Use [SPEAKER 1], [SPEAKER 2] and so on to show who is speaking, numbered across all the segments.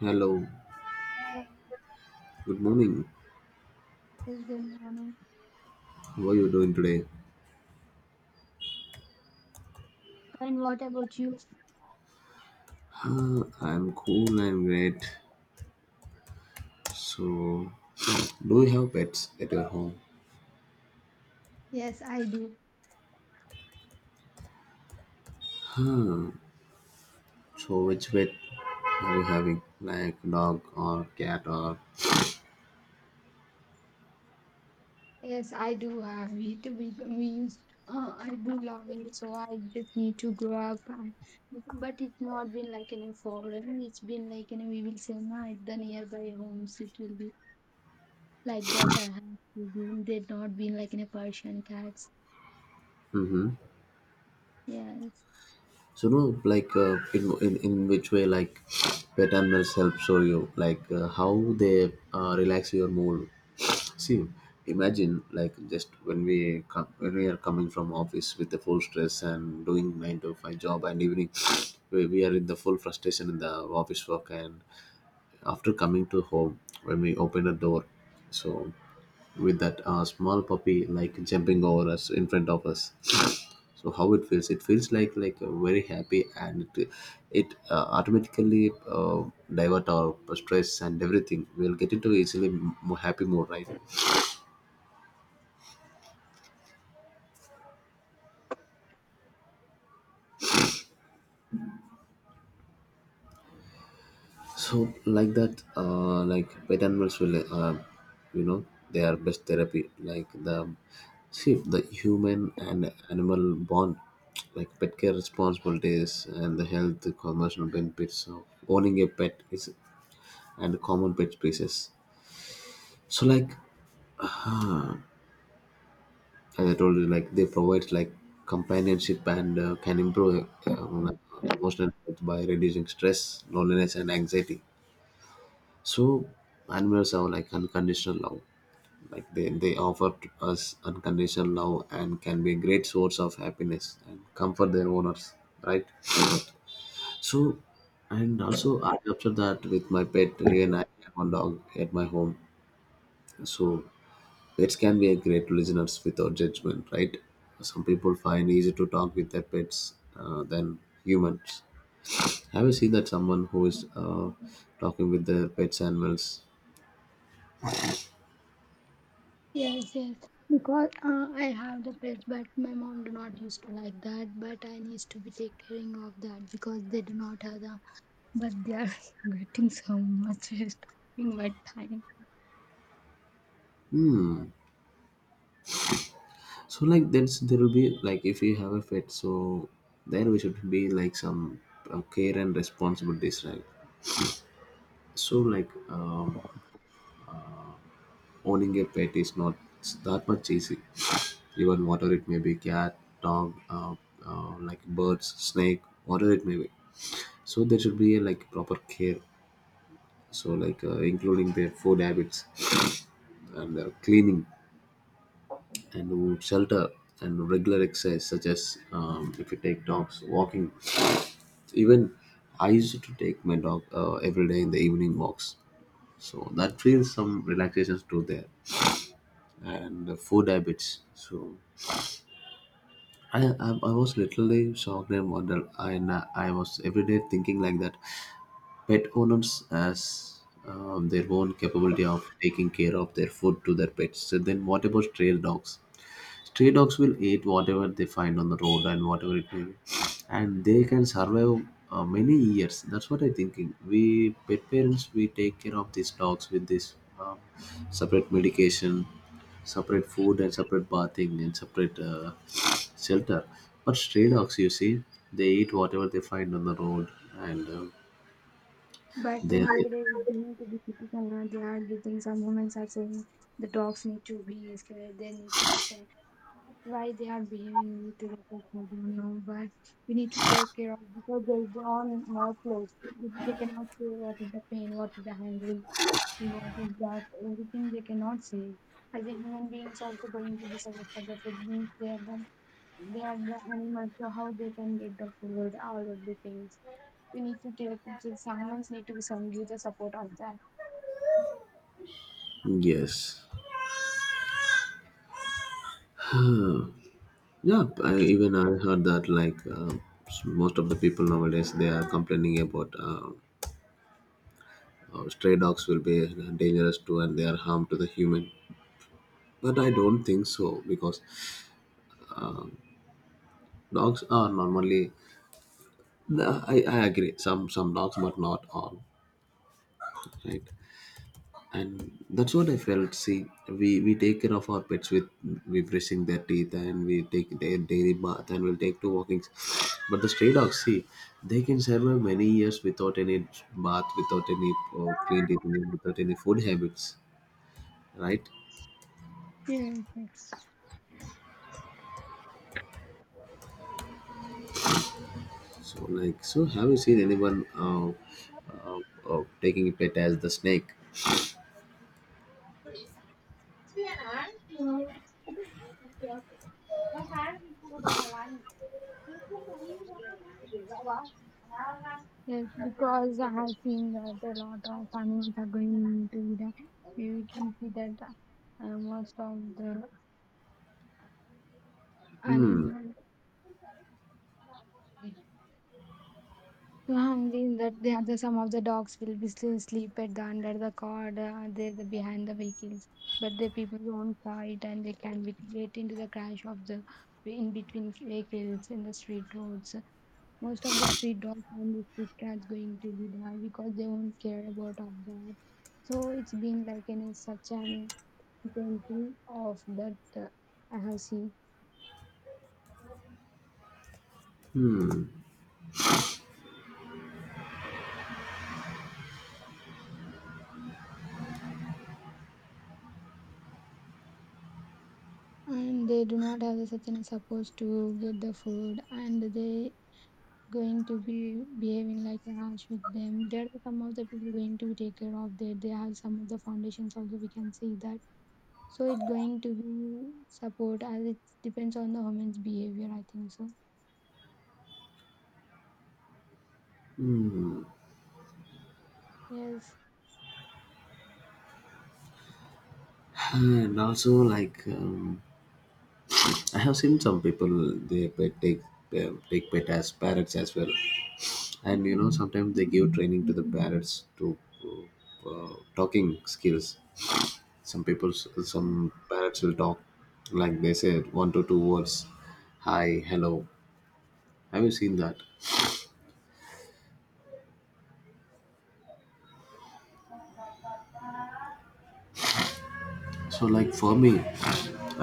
[SPEAKER 1] Hello,
[SPEAKER 2] Yes,
[SPEAKER 1] good morning.
[SPEAKER 2] good morning.
[SPEAKER 1] How are you doing today?
[SPEAKER 2] And what about you?
[SPEAKER 1] I'm cool and great. So, do you have pets at your home?
[SPEAKER 2] Yes, I do.
[SPEAKER 1] So, which pet are you having? Like dog or cat or?
[SPEAKER 2] Yes, I do have it. I do love it. So I just need to grow up. And, but it's not been like in a foreign. It's been like in a, we will say, nah, at the nearby homes. It will be like that. I have to be. They've not been like in a Persian cats.
[SPEAKER 1] Mm-hmm.
[SPEAKER 2] Yes,
[SPEAKER 1] So, no, like in which way like pet animals help show you, like, how they relax your mood. See, imagine like just when we are coming from office with the full stress and doing 9 to 5 job, and evening we are in the full frustration in the office work, and after coming to home when we open a door, so with that small puppy like jumping over us in front of us. So how it feels? It feels like very happy, and it automatically divert our stress and everything. We'll get into easily happy mood, right? So like that, like pet animals will, you know, they are best therapy. Like the See the human and animal bond, like pet care responsibilities and the health commercial benefits of owning a pet is, and common pet species. So like, uh, as I told you, like they provide like companionship and can improve um, emotional health by reducing stress, loneliness, and anxiety. So animals are like unconditional love, like they offer to us unconditional love, and can be a great source of happiness and comfort their owners, right? So, and also I observed that with my pet, even I have one dog at my home. So pets can be a great listeners without judgment, right? Some people find easy to talk with their pets, than humans. Have you seen that someone who is talking with their pets animals?
[SPEAKER 2] yes, yes. Because I have the pets, but my mom do not used to like that. But I needs to be take caring of that because they do not have the but they are getting so much respect in my time.
[SPEAKER 1] So like then there will be like, if you have a pet, so then we should be like some care and responsibilities, right? So like, owning a pet is not that much easy. Even whatever it may be, cat, dog, like birds, snake, whatever it may be. So there should be a, like, proper care. So like, including their food habits and their cleaning and shelter and regular exercise, such as, if you take dogs walking. Even I used to take my dog every day in the evening walks. So that feels some relaxation too there. And the food habits. So I was literally shocked and wondered. I was every day thinking like that. Pet owners as, their own capability of taking care of their food to their pets. So then what about trail dogs? Stray dogs will eat whatever they find on the road, and whatever it may be, and they can survive many years. That's what I'm thinking. We pet parents, we take care of these dogs with this uh, separate medication, separate food, and separate bathing, and separate shelter. But stray dogs, you see, they eat whatever they find on the road, and
[SPEAKER 2] But
[SPEAKER 1] they
[SPEAKER 2] nowadays, they need to be critical. Now they are the things our moments are saying the dogs need to be scared, they need to be said. Why they are behaving with us, I don't know. But we need to take care of because they're on our clothes. They cannot say what is the pain, what is the hungry, and what is that. Everything they cannot say. As a human beings, also going to be suffer for the food means they are the the animals, so how they can get the food, all of the things. We need to take the someone need to be some give the support of that.
[SPEAKER 1] yes. Yeah, I, even I heard that like, most of the people nowadays, they are complaining about or stray dogs will be dangerous too, and they are harm to the human. But I don't think so, because dogs are normally. No, I agree. Some dogs, but not all, right? And that's what I felt. See, we take care of our pets with, we brushing their teeth, and we take their daily bath, and we'll take two walkings. But the stray dogs, see, they can survive many years without any bath, without any clean teeth, without any food habits, right? So, like, so have you seen anyone uh, taking a pet as the snake?
[SPEAKER 2] Yeah. Yes, because I have seen that a lot of animals are going into the. You can see that most of the
[SPEAKER 1] Hmm.
[SPEAKER 2] animals too hungry that the other some of the dogs will be sleep at the under the car, they the behind the vehicles, but the people won't fight and they can be get into the crash of the in between vehicles in the street roads. Most of the street dogs and the street cats going to be die because they won't care about all that. So it's been like such an example of that. uh, I have seen, and they do not have the such an support to get the food, and they going to be behaving like an arch with them. There are some of the people going to be take care of that. They have some of the foundations also we can see that. So it going to be support as it depends on the woman's behavior, I think so. Yes.
[SPEAKER 1] And also, like, I have seen some people they pet take take pet as parrots as well, and you know sometimes they give training to the parrots to talking skills. Some people,
[SPEAKER 2] Mm.
[SPEAKER 1] some parrots will talk like they said 1 to 2 words, hi, hello. Have you seen that? So like for me,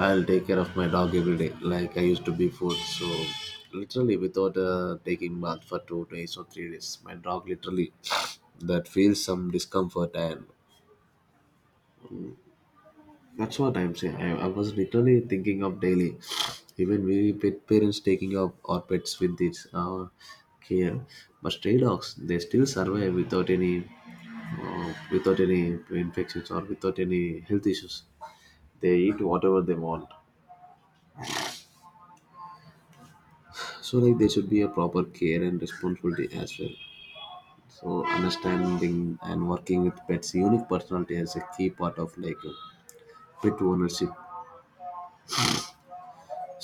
[SPEAKER 1] I'll take care of my dog every day, like I used to before. So literally without taking bath for 2 days or 3 days, my dog literally that feels some discomfort, and that's what I'm saying. I was literally thinking of daily, even we pet parents taking up our pets with this care, but stray dogs they still survive without any without any infections or without any health issues. They eat whatever they want. So like there should be a proper care and responsibility as well. So understanding and working with pets' unique personality is a key part of like, pet ownership.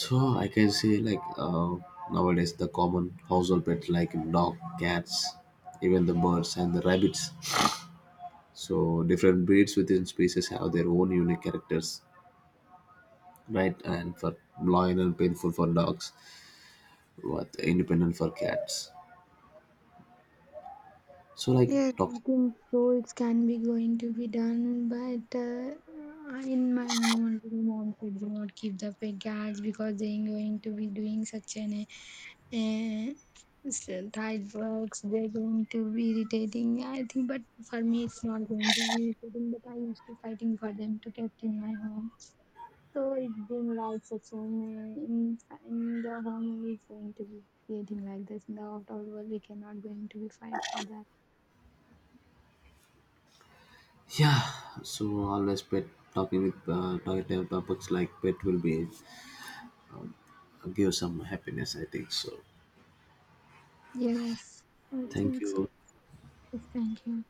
[SPEAKER 1] So I can say like, nowadays the common household pets like dog, cats, even the birds and the rabbits. So different breeds within species have their own unique characters, right? And for loyal and painful for dogs, but independent for cats. So like
[SPEAKER 2] Yes,
[SPEAKER 1] talk.
[SPEAKER 2] I think so. It can be going to be done, but in my home, only the moms would not keep the pet cats because they are going to be doing such an and so tight works they're going to be irritating I think. But for me it's not going to be irritating, but I used to fighting for them to get in my home. So it's been like such section in, in the home is going to be creating like this. In the outdoor, world we cannot going to be fight for that.
[SPEAKER 1] Yeah, so always pet talking with, talking about books, like pet will be give some happiness. I think so.
[SPEAKER 2] Yes, I
[SPEAKER 1] Thank
[SPEAKER 2] think so.
[SPEAKER 1] you.
[SPEAKER 2] Thank you.